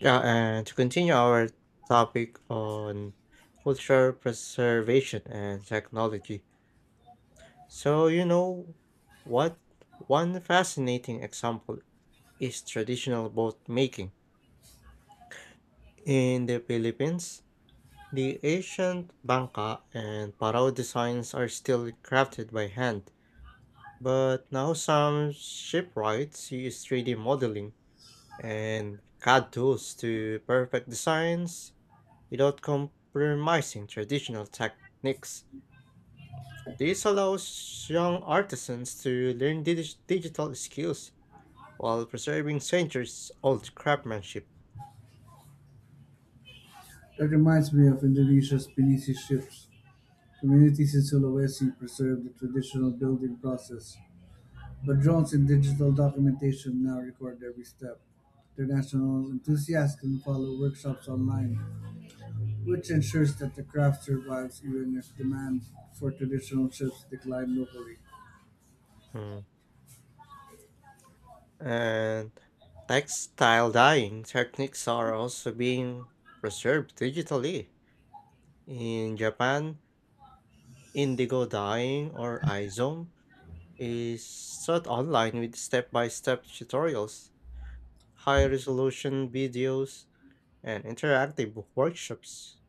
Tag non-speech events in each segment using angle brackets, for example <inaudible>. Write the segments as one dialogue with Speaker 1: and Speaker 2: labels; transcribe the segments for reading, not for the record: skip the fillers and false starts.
Speaker 1: Yeah, and to continue our topic on cultural preservation and technology. So, you know what? One fascinating example is traditional boat making. In the Philippines, the ancient bangka and parao designs are still crafted by hand, but now some shipwrights use 3D modeling and CAD tools to perfect designs without compromising traditional techniques. This allows young artisans to learn digital skills while preserving centuries old craftsmanship.
Speaker 2: That reminds me of Indonesia's Pinisi ships. Communities in Sulawesi preserve the traditional building process, but drones and digital documentation now record every step. International enthusiasts can follow workshops online, which ensures that the craft survives even if demand for traditional ships decline locally.
Speaker 1: Mm. And textile dyeing techniques are also being preserved digitally. In Japan, indigo dyeing or Aizon is taught online with step by step tutorials, high resolution videos, and interactive workshops.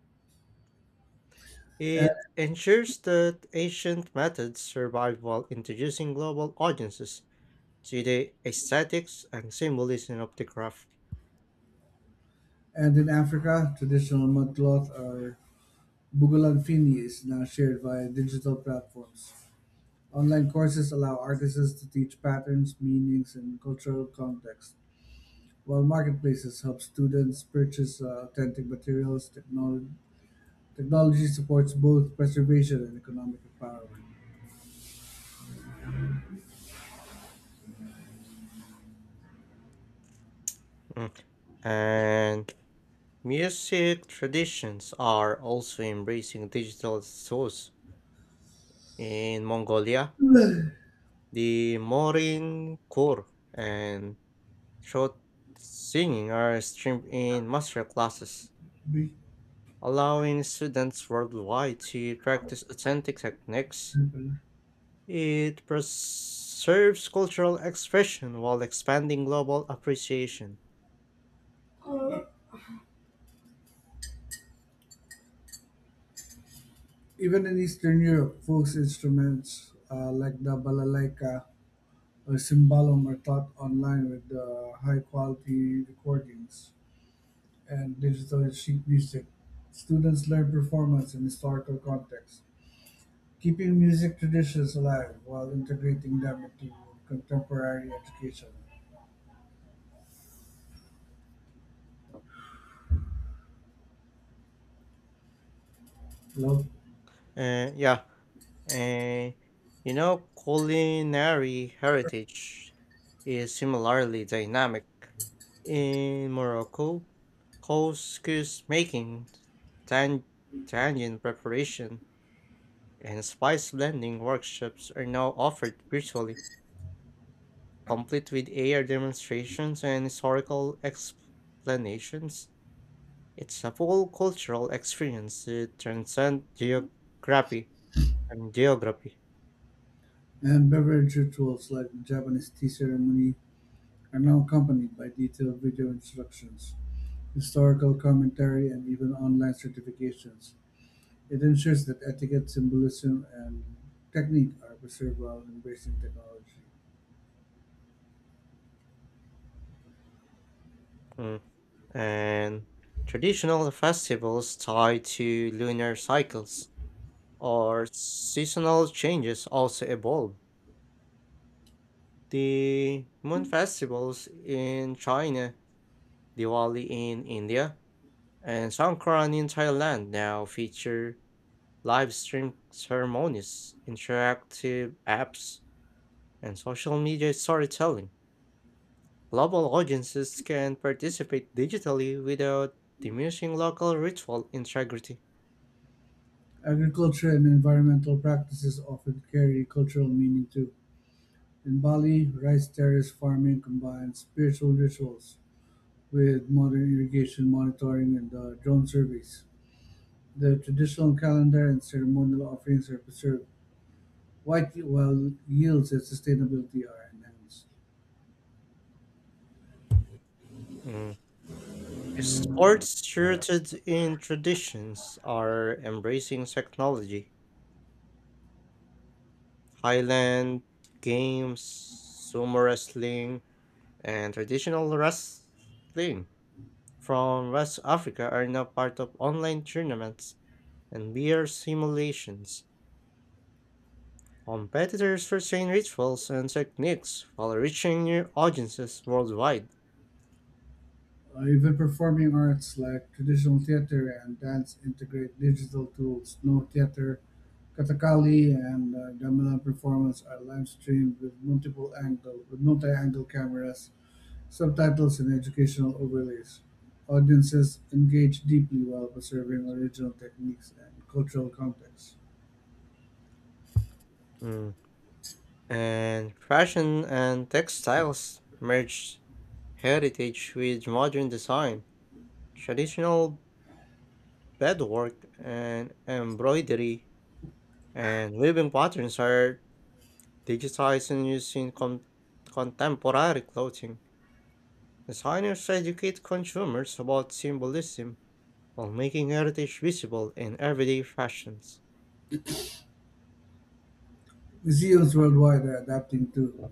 Speaker 1: It
Speaker 2: A-
Speaker 1: ensures that ancient methods survive while introducing global audiences to the aesthetics and symbolism of the craft.
Speaker 2: And in Africa, traditional mudcloth or bugalan fini is now shared via digital platforms. Online courses allow artisans to teach patterns, meanings, and cultural context, while marketplaces help students purchase authentic materials. Technology supports both preservation and economic empowerment.
Speaker 1: Mm. And music traditions are also embracing digital source. In Mongolia, the Morin Kor and throat singing are streamed in master classes,
Speaker 2: Be-
Speaker 1: allowing students worldwide to practice authentic techniques. It preserves cultural expression while expanding global appreciation.
Speaker 2: Even in Eastern Europe, folk instruments like the balalaika or cymbalom are taught online with high quality recordings and digital sheet music. Students learn performance and historical context, keeping music traditions alive while integrating them into contemporary education, love,
Speaker 1: Yeah, and you know, culinary heritage is similarly dynamic. In Morocco, couscous making, tan- tangine preparation, and spice blending workshops are now offered virtually, complete with AR demonstrations and historical explanations. It's a full cultural experience that transcends geography and geography.
Speaker 2: and beverage rituals like the Japanese tea ceremony are now accompanied by detailed video instructions, historical commentary, and even online certifications. It ensures that etiquette, symbolism, and technique are preserved while embracing technology.
Speaker 1: Mm. And traditional festivals tied to lunar cycles or seasonal changes also evolve. The moon festivals in China, Diwali in India, and Songkran in Thailand now feature live stream ceremonies, interactive apps, and social media storytelling. Global audiences can participate digitally without diminishing local ritual integrity.
Speaker 2: Agriculture and environmental practices often carry cultural meaning too. In Bali, rice terrace farming combines spiritual rituals with modern irrigation monitoring and drone surveys. The traditional calendar and ceremonial offerings are preserved, while while yields and sustainability are enhanced.
Speaker 1: Mm. Sports rooted in traditions are embracing technology. Highland games, sumo wrestling, and traditional wrestling from West Africa are now part of online tournaments and beer simulations. Competitors retain rituals and techniques while reaching new audiences worldwide.
Speaker 2: Even performing arts like traditional theater and dance integrate digital tools. No theater, katakali, and gamelan performance are live streamed with multiple angle with multi-angle cameras, subtitles, and educational overlays. Audiences engage deeply while preserving original techniques and cultural context.
Speaker 1: Mm. And fashion and textiles merged heritage with modern design, traditional bedwork and embroidery, and weaving patterns are digitized and used in contemporary clothing. Designers educate consumers about symbolism while making heritage visible in everyday fashions.
Speaker 2: Museums worldwide are adapting too.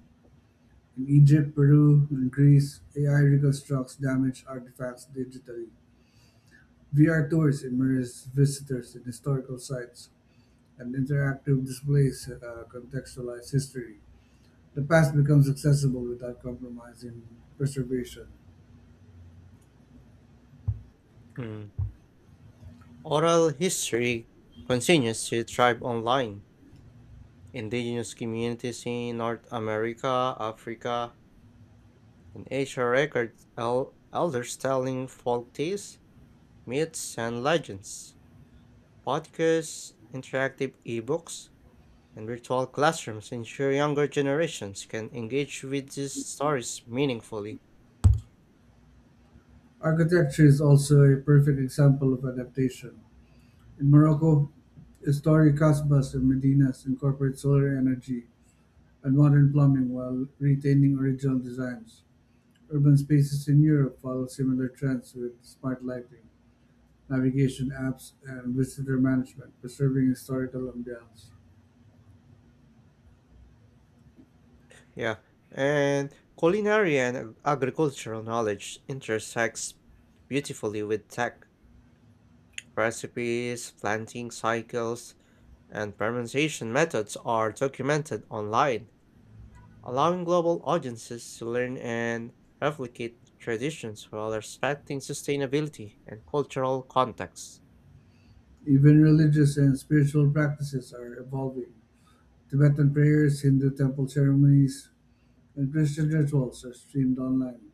Speaker 2: In Egypt, Peru, and Greece, AI reconstructs damaged artifacts digitally. VR tours immerse visitors in historical sites, and interactive displays contextualize history. The past becomes accessible without compromising preservation.
Speaker 1: Mm. Oral history continues to thrive online. Indigenous communities in North America, Africa, and Asia record elders telling folk tales, myths, and legends. Podcasts, interactive ebooks, and virtual classrooms ensure younger generations can engage with these stories meaningfully.
Speaker 2: Architecture is also a perfect example of adaptation. In Morocco, historic Kasbahs and medinas incorporate solar energy and modern plumbing while retaining original designs. Urban spaces in Europe follow similar trends with smart lighting, navigation apps, and visitor management, preserving historical ambiance.
Speaker 1: Yeah, and culinary and agricultural knowledge intersects beautifully with tech. Recipes, planting cycles, and pronunciation methods are documented online, allowing global audiences to learn and replicate traditions while respecting sustainability and cultural contexts.
Speaker 2: Even religious and spiritual practices are evolving. Tibetan prayers, Hindu temple ceremonies, and Christian rituals are streamed online.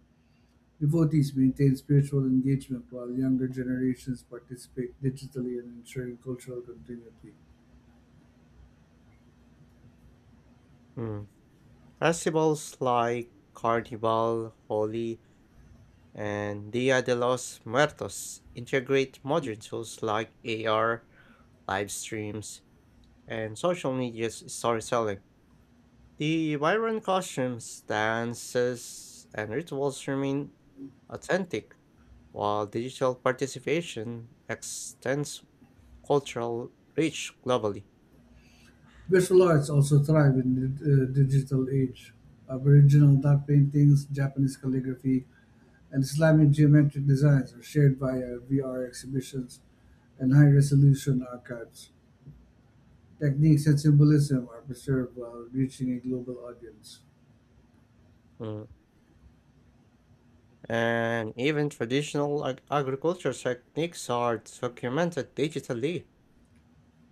Speaker 2: Devotees maintain spiritual engagement while younger generations participate digitally in ensuring cultural continuity.
Speaker 1: Mm. Festivals like Carnival, Holi, and Dia de los Muertos integrate modern tools like AR, live streams, and social media storytelling. The vibrant costumes, dances, and rituals remain authentic while digital participation extends cultural reach globally.
Speaker 2: Visual arts also thrive in the digital age. Aboriginal dot paintings, Japanese calligraphy, and Islamic geometric designs are shared via VR exhibitions and high resolution archives. Techniques and symbolism are preserved while reaching a global audience.
Speaker 1: Mm. And even traditional agriculture techniques are documented digitally.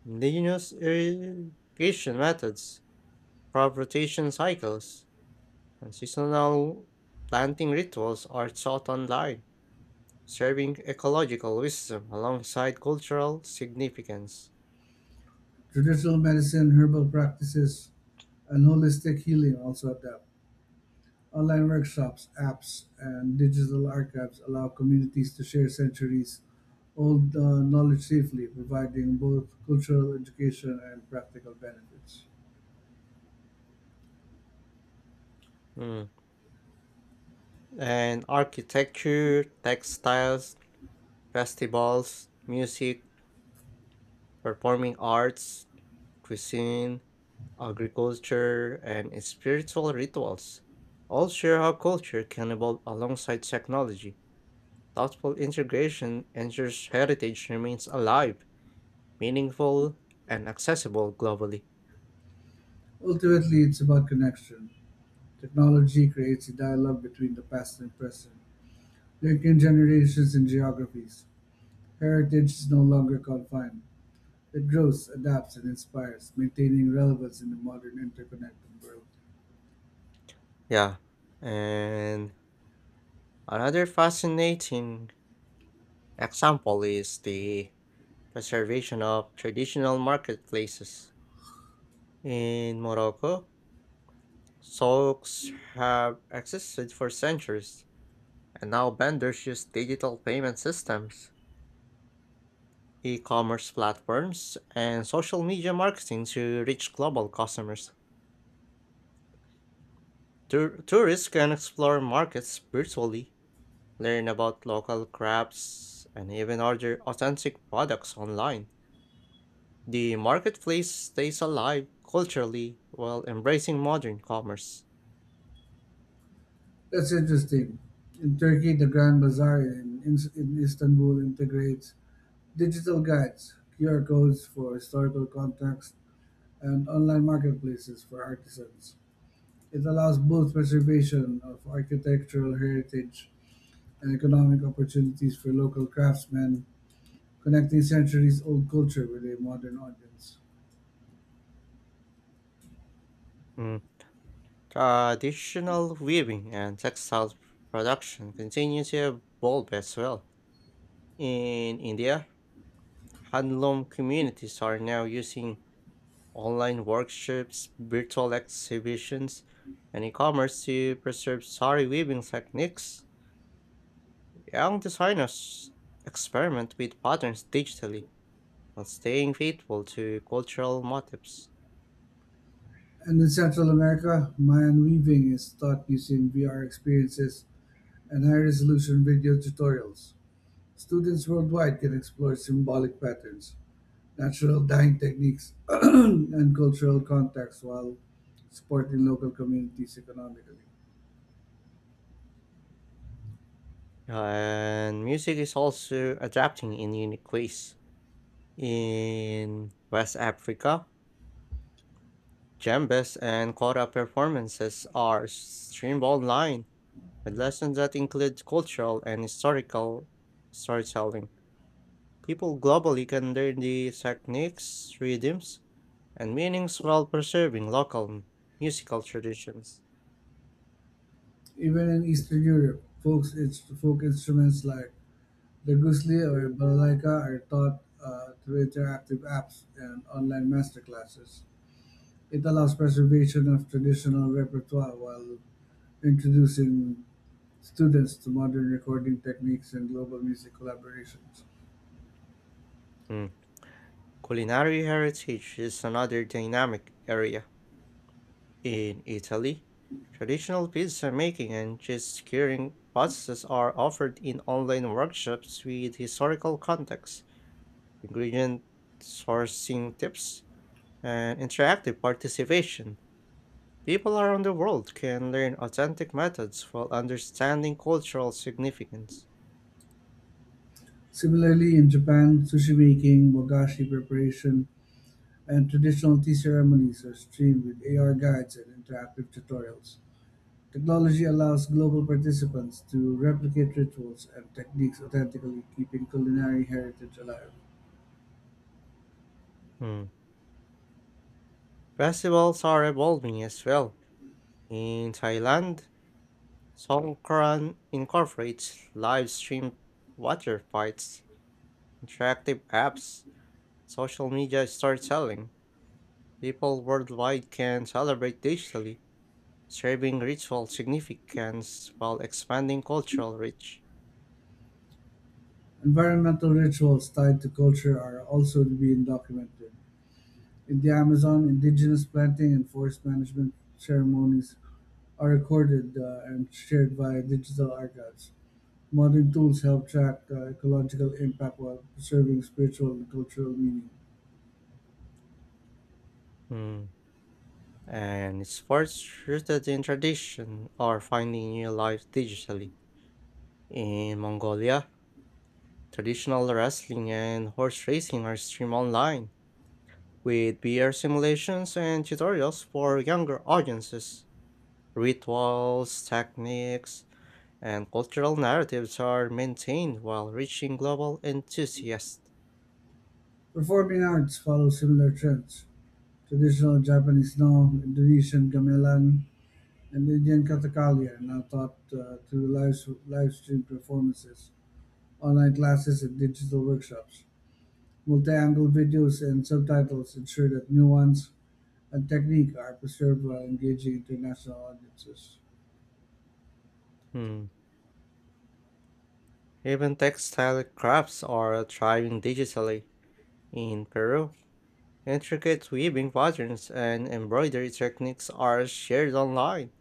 Speaker 1: Indigenous irrigation methods, crop rotation cycles, and seasonal planting rituals are taught online, serving ecological wisdom alongside cultural significance.
Speaker 2: Traditional medicine, herbal practices, and holistic healing also adapt. Online workshops, apps, and digital archives allow communities to share centuries old knowledge safely, providing both cultural education and practical benefits.
Speaker 1: Mm. And architecture, textiles, festivals, music, performing arts, cuisine, agriculture, and spiritual rituals all share how culture can evolve alongside technology. Thoughtful integration ensures heritage remains alive, meaningful, and accessible globally.
Speaker 2: Ultimately, it's about connection. Technology creates a dialogue between the past and present, linking generations and geographies. Heritage is no longer confined. It grows, adapts, and inspires, maintaining relevance in the modern interconnected world.
Speaker 1: Yeah. And another fascinating example is the preservation of traditional marketplaces. In Morocco, souks have existed for centuries, and now vendors use digital payment systems, e commerce platforms, and social media marketing to reach global customers. Tourists can explore markets virtually, learn about local crafts, and even order authentic products online. The marketplace stays alive culturally while embracing modern commerce.
Speaker 2: That's interesting. In Turkey, the Grand Bazaar in Istanbul integrates digital guides, QR codes for historical context, and online marketplaces for artisans. It allows both preservation of architectural heritage and economic opportunities for local craftsmen, connecting centuries old culture with a modern audience.
Speaker 1: Mm. Traditional weaving and textile production continue to evolve as well. In India, handloom communities are now using online workshops, virtual exhibitions, and e-commerce to preserve sari weaving techniques. Young designers experiment with patterns digitally while staying faithful to cultural motifs.
Speaker 2: And in Central America, Mayan weaving is taught using VR experiences and high resolution video tutorials. Students worldwide can explore symbolic patterns, natural dyeing techniques, <clears throat> and cultural contacts while supporting local communities economically.
Speaker 1: And music is also adapting in unique ways. In West Africa, djembes and kora performances are streamed online with lessons that include cultural and historical storytelling. People globally can learn the techniques, rhythms, and meanings while preserving local musical traditions.
Speaker 2: Even in Eastern Europe, folk instruments like the gusli or balalaika are taught through interactive apps and online masterclasses. It allows preservation of traditional repertoire while introducing students to modern recording techniques and global music collaborations.
Speaker 1: Mm. Culinary heritage is another dynamic area. In Italy, traditional pizza making and cheese curing processes are offered in online workshops with historical context, ingredient sourcing tips, and interactive participation. People around the world can learn authentic methods while understanding cultural significance.
Speaker 2: Similarly, in Japan, sushi-making, bogashi preparation, and traditional tea ceremonies are streamed with AR guides and interactive tutorials. Technology allows global participants to replicate rituals and techniques authentically, keeping culinary heritage alive.
Speaker 1: Mm. Festivals are evolving as well. In Thailand, Songkran incorporates live stream water fights, interactive apps, social media storytelling. People worldwide can celebrate digitally, serving ritual significance while expanding cultural reach.
Speaker 2: Environmental rituals tied to culture are also being documented. In the Amazon, indigenous planting and forest management ceremonies are recorded and shared via digital archives. Modern tools help track ecological impact while preserving spiritual and cultural meaning.
Speaker 1: Mm. And sports rooted in tradition are finding new life digitally. In Mongolia, traditional wrestling and horse racing are streamed online, with VR simulations and tutorials for younger audiences. Rituals, techniques, and cultural narratives are maintained while reaching global enthusiasts.
Speaker 2: Performing arts follow similar trends. Traditional Japanese no, Indonesian gamelan, and Indian kathakali are now taught through live stream performances, online classes, and digital workshops. Multi-angle videos and subtitles ensure that nuance and technique are preserved while engaging international audiences.
Speaker 1: Hmm. Even textile crafts are thriving digitally. In Peru, intricate weaving patterns and embroidery techniques are shared online,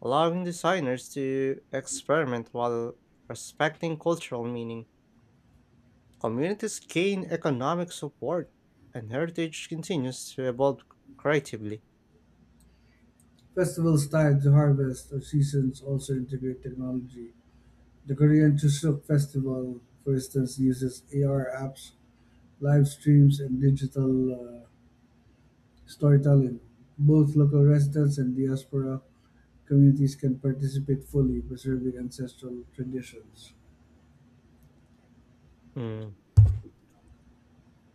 Speaker 1: allowing designers to experiment while respecting cultural meaning. Communities gain economic support, and heritage continues to evolve creatively.
Speaker 2: Festivals tied to harvest or seasons also integrate technology. The Korean Chuseok Festival, for instance, uses AR apps, live streams, and digital uh, storytelling. Both local residents and diaspora communities can participate fully, preserving ancestral traditions.
Speaker 1: Mm.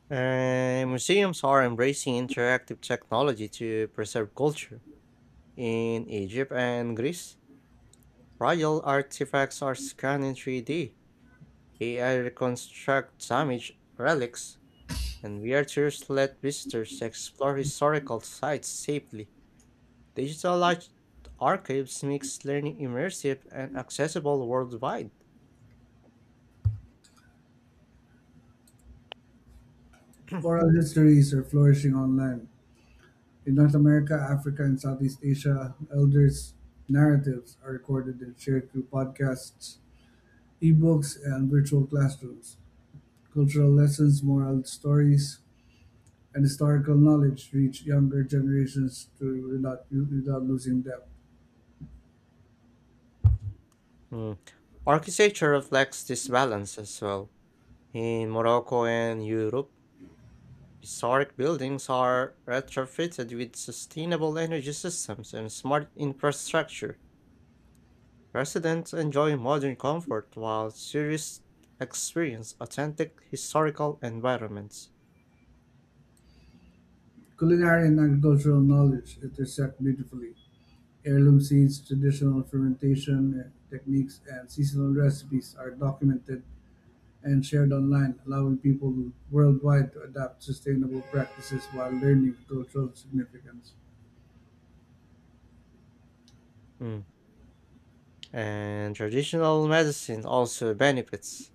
Speaker 1: And museums are embracing interactive technology to preserve culture. In Egypt and Greece, royal artifacts are scanned in 3D. AI reconstruct damaged relics, and VR tours let visitors explore historical sites safely. Digital large archives makes learning immersive and accessible worldwide.
Speaker 2: Oral histories are flourishing online. In North America, Africa, and Southeast Asia, elders' narratives are recorded and shared through podcasts, ebooks, and virtual classrooms. Cultural lessons, moral stories, and historical knowledge reach younger generations to without losing depth.
Speaker 1: Mm. Architecture reflects this balance as well. In Morocco and Europe, historic buildings are retrofitted with sustainable energy systems and smart infrastructure. Residents enjoy modern comfort while tourists experience authentic historical environments.
Speaker 2: Culinary and agricultural knowledge intersect beautifully. Heirloom seeds, traditional fermentation techniques, and seasonal recipes are documented and shared online, allowing people worldwide to adapt sustainable practices while learning cultural significance.
Speaker 1: Mm. And traditional medicine also benefits.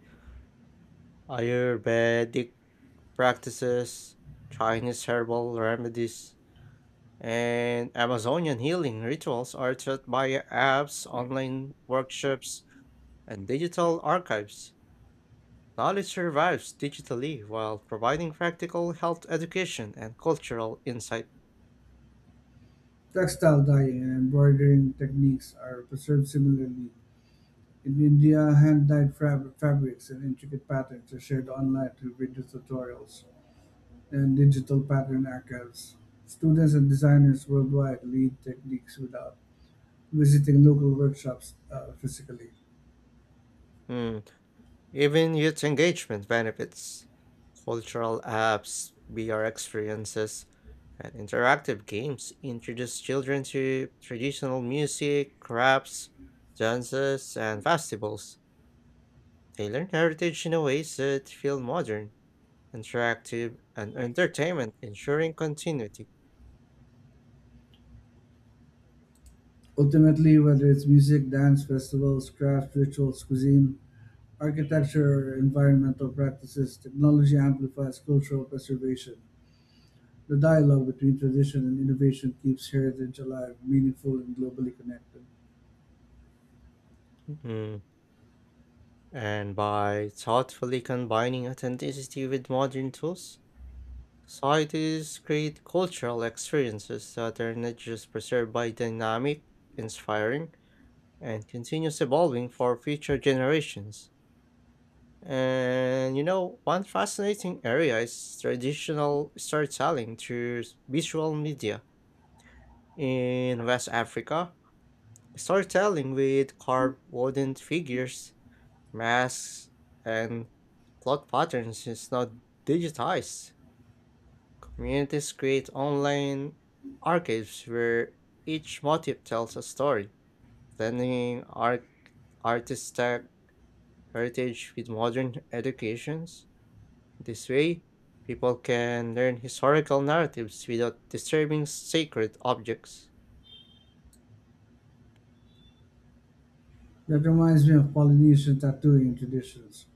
Speaker 1: Ayurvedic practices, Chinese herbal remedies, and Amazonian healing rituals are taught via apps, online workshops, and digital archives. Knowledge survives digitally while providing practical health education and cultural insight.
Speaker 2: Textile dyeing and embroidering techniques are preserved similarly. In India, hand-dyed fabrics and intricate patterns are shared online through video tutorials and digital pattern archives. Students and designers worldwide lead techniques without visiting local workshops physically.
Speaker 1: Hmm. Even youth engagement benefits. Cultural apps, VR experiences, and interactive games introduce children to traditional music, crafts, dances, and festivals. They learn heritage in a ways that feel modern, interactive, and entertainment, ensuring continuity.
Speaker 2: Ultimately, whether it's music, dance, festivals, crafts, rituals, cuisine, architecture, or environmental practices, technology amplifies cultural preservation. The dialogue between tradition and innovation keeps heritage alive, meaningful, and globally connected.
Speaker 1: Mhm. And by thoughtfully combining authenticity with modern tools, societies create cultural experiences that are not just preserved by dynamic, inspiring, and continuous evolving for future generations. And you know, one fascinating area is traditional storytelling through visual media. In West Africa, storytelling with carved wooden figures, masks, and cloth patterns is now digitized. Communities create online archives where each motif tells a story, blending artistic heritage with modern educations. This way, people can learn historical narratives without disturbing sacred objects.
Speaker 2: That reminds me of Polynesian tattooing traditions.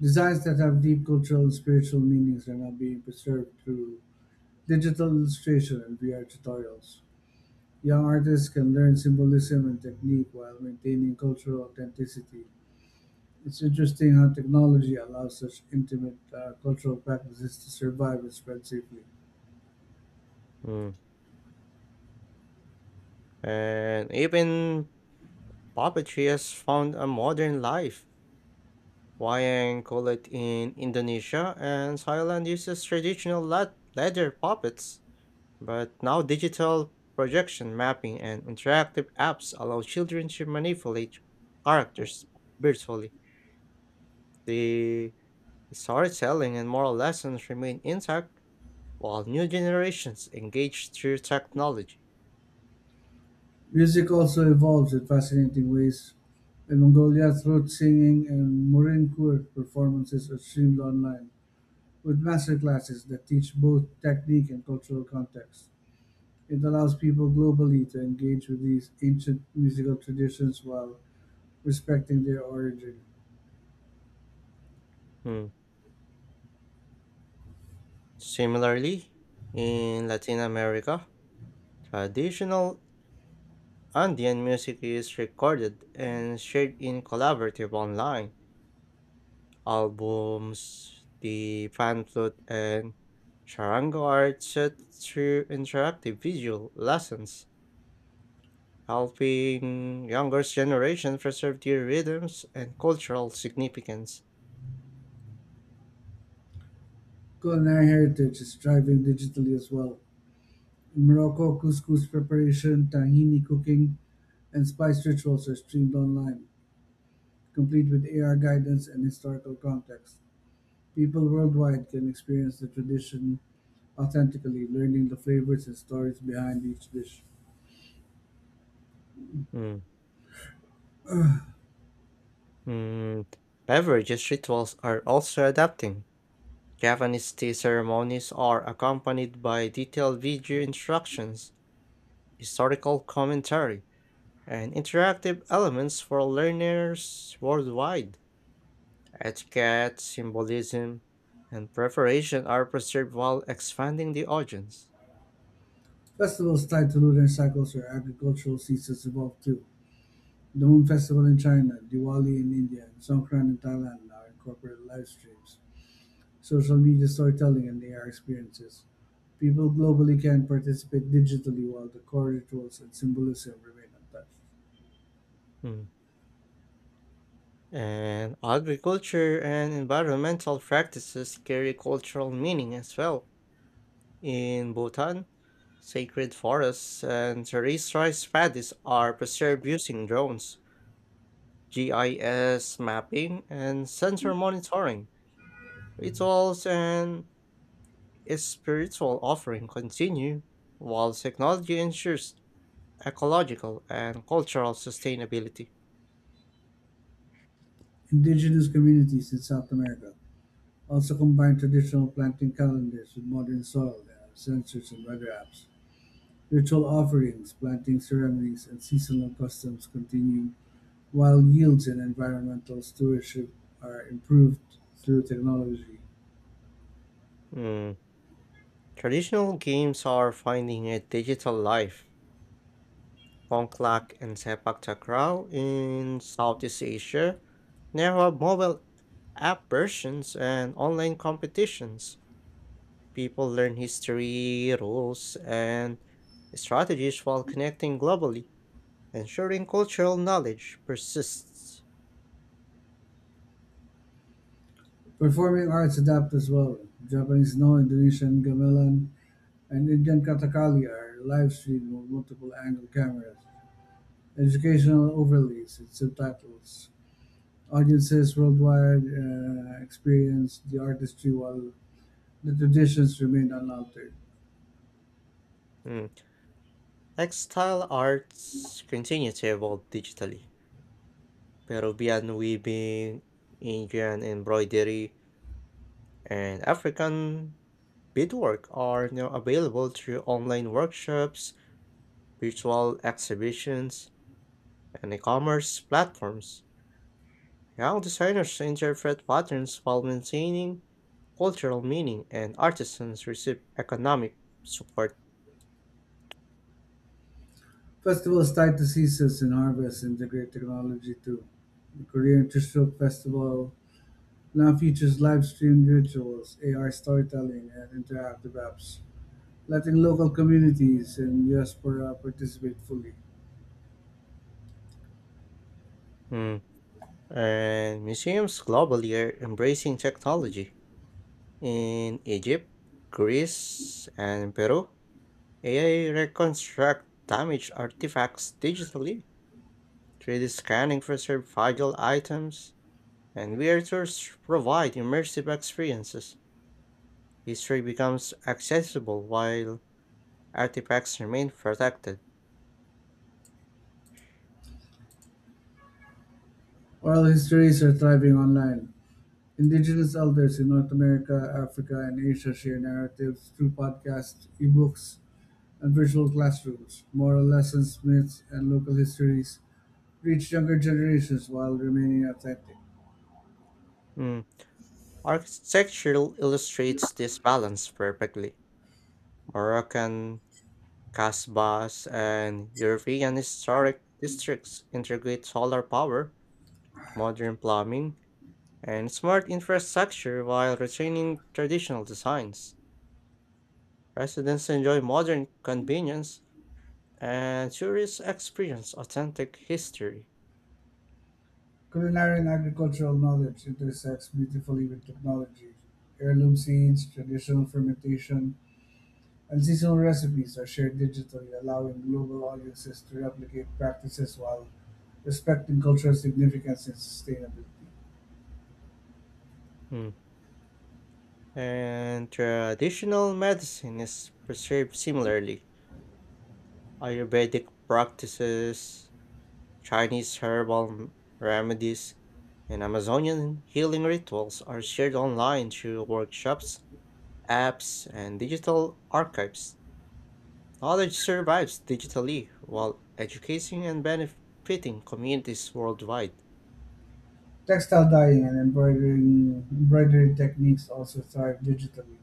Speaker 2: Designs that have deep cultural and spiritual meanings are now being preserved through digital illustration and VR tutorials. Young artists can learn symbolism and technique while maintaining cultural authenticity. It's interesting how technology allows such intimate cultural practices to survive and spread safely.
Speaker 1: Mm. And even puppetry has found a modern life. Wayang call it in Indonesia, and Thailand uses traditional leather puppets. But now digital projection mapping and interactive apps allow children to manipulate characters virtually. The storytelling and moral lessons remain intact while new generations engage through technology.
Speaker 2: Music also evolves in fascinating ways. In Mongolia, throat singing and murin kur performances are streamed online with masterclasses that teach both technique and cultural context. It allows people globally to engage with these ancient musical traditions while respecting their origin.
Speaker 1: Hmm. Similarly, in Latin America, traditional Andean music is recorded and shared in collaborative online albums, the fan flute, and charango are set through interactive visual lessons, helping younger generation preserve their rhythms and cultural significance.
Speaker 2: Culinary heritage is thriving digitally as well. In Morocco, couscous preparation, tahini cooking, and spice rituals are streamed online, complete with AR guidance and historical context. People worldwide can experience the tradition authentically, learning the flavors and stories behind each dish.
Speaker 1: Mm. Mm. Beverages rituals are also adapting. Japanese tea ceremonies are accompanied by detailed video instructions, historical commentary, and interactive elements for learners worldwide. Etiquette, symbolism, and preparation are preserved while expanding the audience.
Speaker 2: Festivals tied to lunar cycles or agricultural seasons evolve too. The Moon Festival in China, Diwali in India, and Songkran in Thailand now incorporate live streams, social media storytelling, and AR experiences. People globally can participate digitally while the core rituals and symbolism remain untouched.
Speaker 1: Hmm. And agriculture and environmental practices carry cultural meaning as well. In Bhutan, sacred forests and terrestrialized paddies are preserved using drones, GIS mapping, and sensor monitoring. Rituals and spiritual offering continue, while technology ensures ecological, and cultural sustainability.
Speaker 2: Indigenous communities in South America also combine traditional planting calendars with modern soil sensors and weather apps. Ritual offerings, planting ceremonies, and seasonal customs continue, while yields and environmental stewardship are improved through technology.
Speaker 1: Mm. Traditional games are finding a digital life. Pongklak and Sepak Takraw in Southeast Asia now have mobile app versions and online competitions. People learn history, rules, and strategies while connecting globally, ensuring cultural knowledge persists.
Speaker 2: Performing arts adapt as well. Japanese no, Indonesian gamelan, and Indian kathakali are live streamed with multiple angle cameras, educational overlays, and subtitles. Audiences worldwide experience the artistry while the traditions remain unaltered.
Speaker 1: Mm. Textile arts continue to evolve digitally. Peruvian weaving, Indian embroidery, and African beadwork are now available through online workshops, virtual exhibitions, and e-commerce platforms. Young designers interpret patterns while maintaining cultural meaning, and artisans receive economic support.
Speaker 2: Festivals tied to seasons and harvests integrate technology too. The Korean Chuseok Festival now features live streamed rituals, AR storytelling, and interactive apps, letting local communities and diaspora participate fully.
Speaker 1: Mm. And museums globally are embracing technology. In Egypt, Greece, and Peru, AI reconstruct damaged artifacts digitally, 3D scanning preserved fragile items, and visitors provide immersive experiences. History becomes accessible while artifacts remain protected.
Speaker 2: Oral histories are thriving online. Indigenous elders in North America, Africa, and Asia share narratives through podcasts, ebooks, and virtual classrooms. Moral lessons, myths, and local histories reach younger generations while remaining authentic.
Speaker 1: Mm. Architecture illustrates this balance perfectly. Moroccan casbahs and European historic districts integrate solar power, modern plumbing, and smart infrastructure while retaining traditional designs. Residents enjoy modern convenience and tourists experience authentic history.
Speaker 2: Culinary and agricultural knowledge intersects beautifully with technology. Heirloom seeds, traditional fermentation, and seasonal recipes are shared digitally, allowing global audiences to replicate practices while respecting cultural significance and sustainability.
Speaker 1: Mm. And traditional medicine is preserved similarly. Ayurvedic practices, Chinese herbal remedies, and Amazonian healing rituals are shared online through workshops, apps, and digital archives. Knowledge survives digitally while educating and benefiting communities worldwide.
Speaker 2: Textile dyeing and embroidering embroidery techniques also thrive digitally.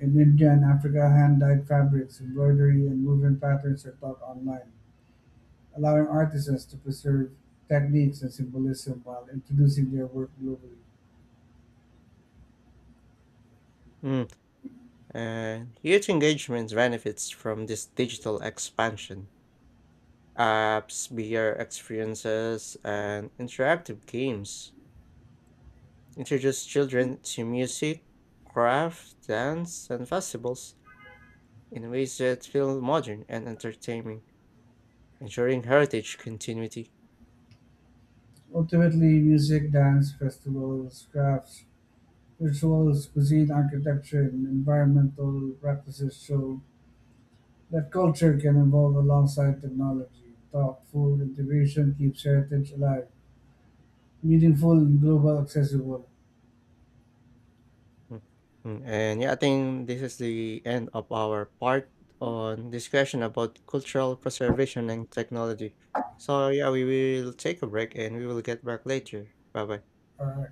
Speaker 2: In India and Africa, hand dyed fabrics, embroidery, and woven patterns are taught online, allowing artisans to preserve techniques and symbolism while introducing their work globally.
Speaker 1: Mm. And youth engagement benefits from this digital expansion. Apps, VR experiences, and interactive games introduce children to music, craft, dance, and festivals in ways that feel modern and entertaining, ensuring heritage continuity.
Speaker 2: Ultimately, music, dance, festivals, crafts, rituals, cuisine, architecture, and environmental practices show that culture can evolve alongside technology. Thoughtful integration keeps heritage alive, meaningful and global accessible.
Speaker 1: Mm, mm, and yeah, I think this is the end of our part on discussion about cultural preservation and technology. So yeah, we will take a break and we will get back later. Bye bye.
Speaker 2: All right.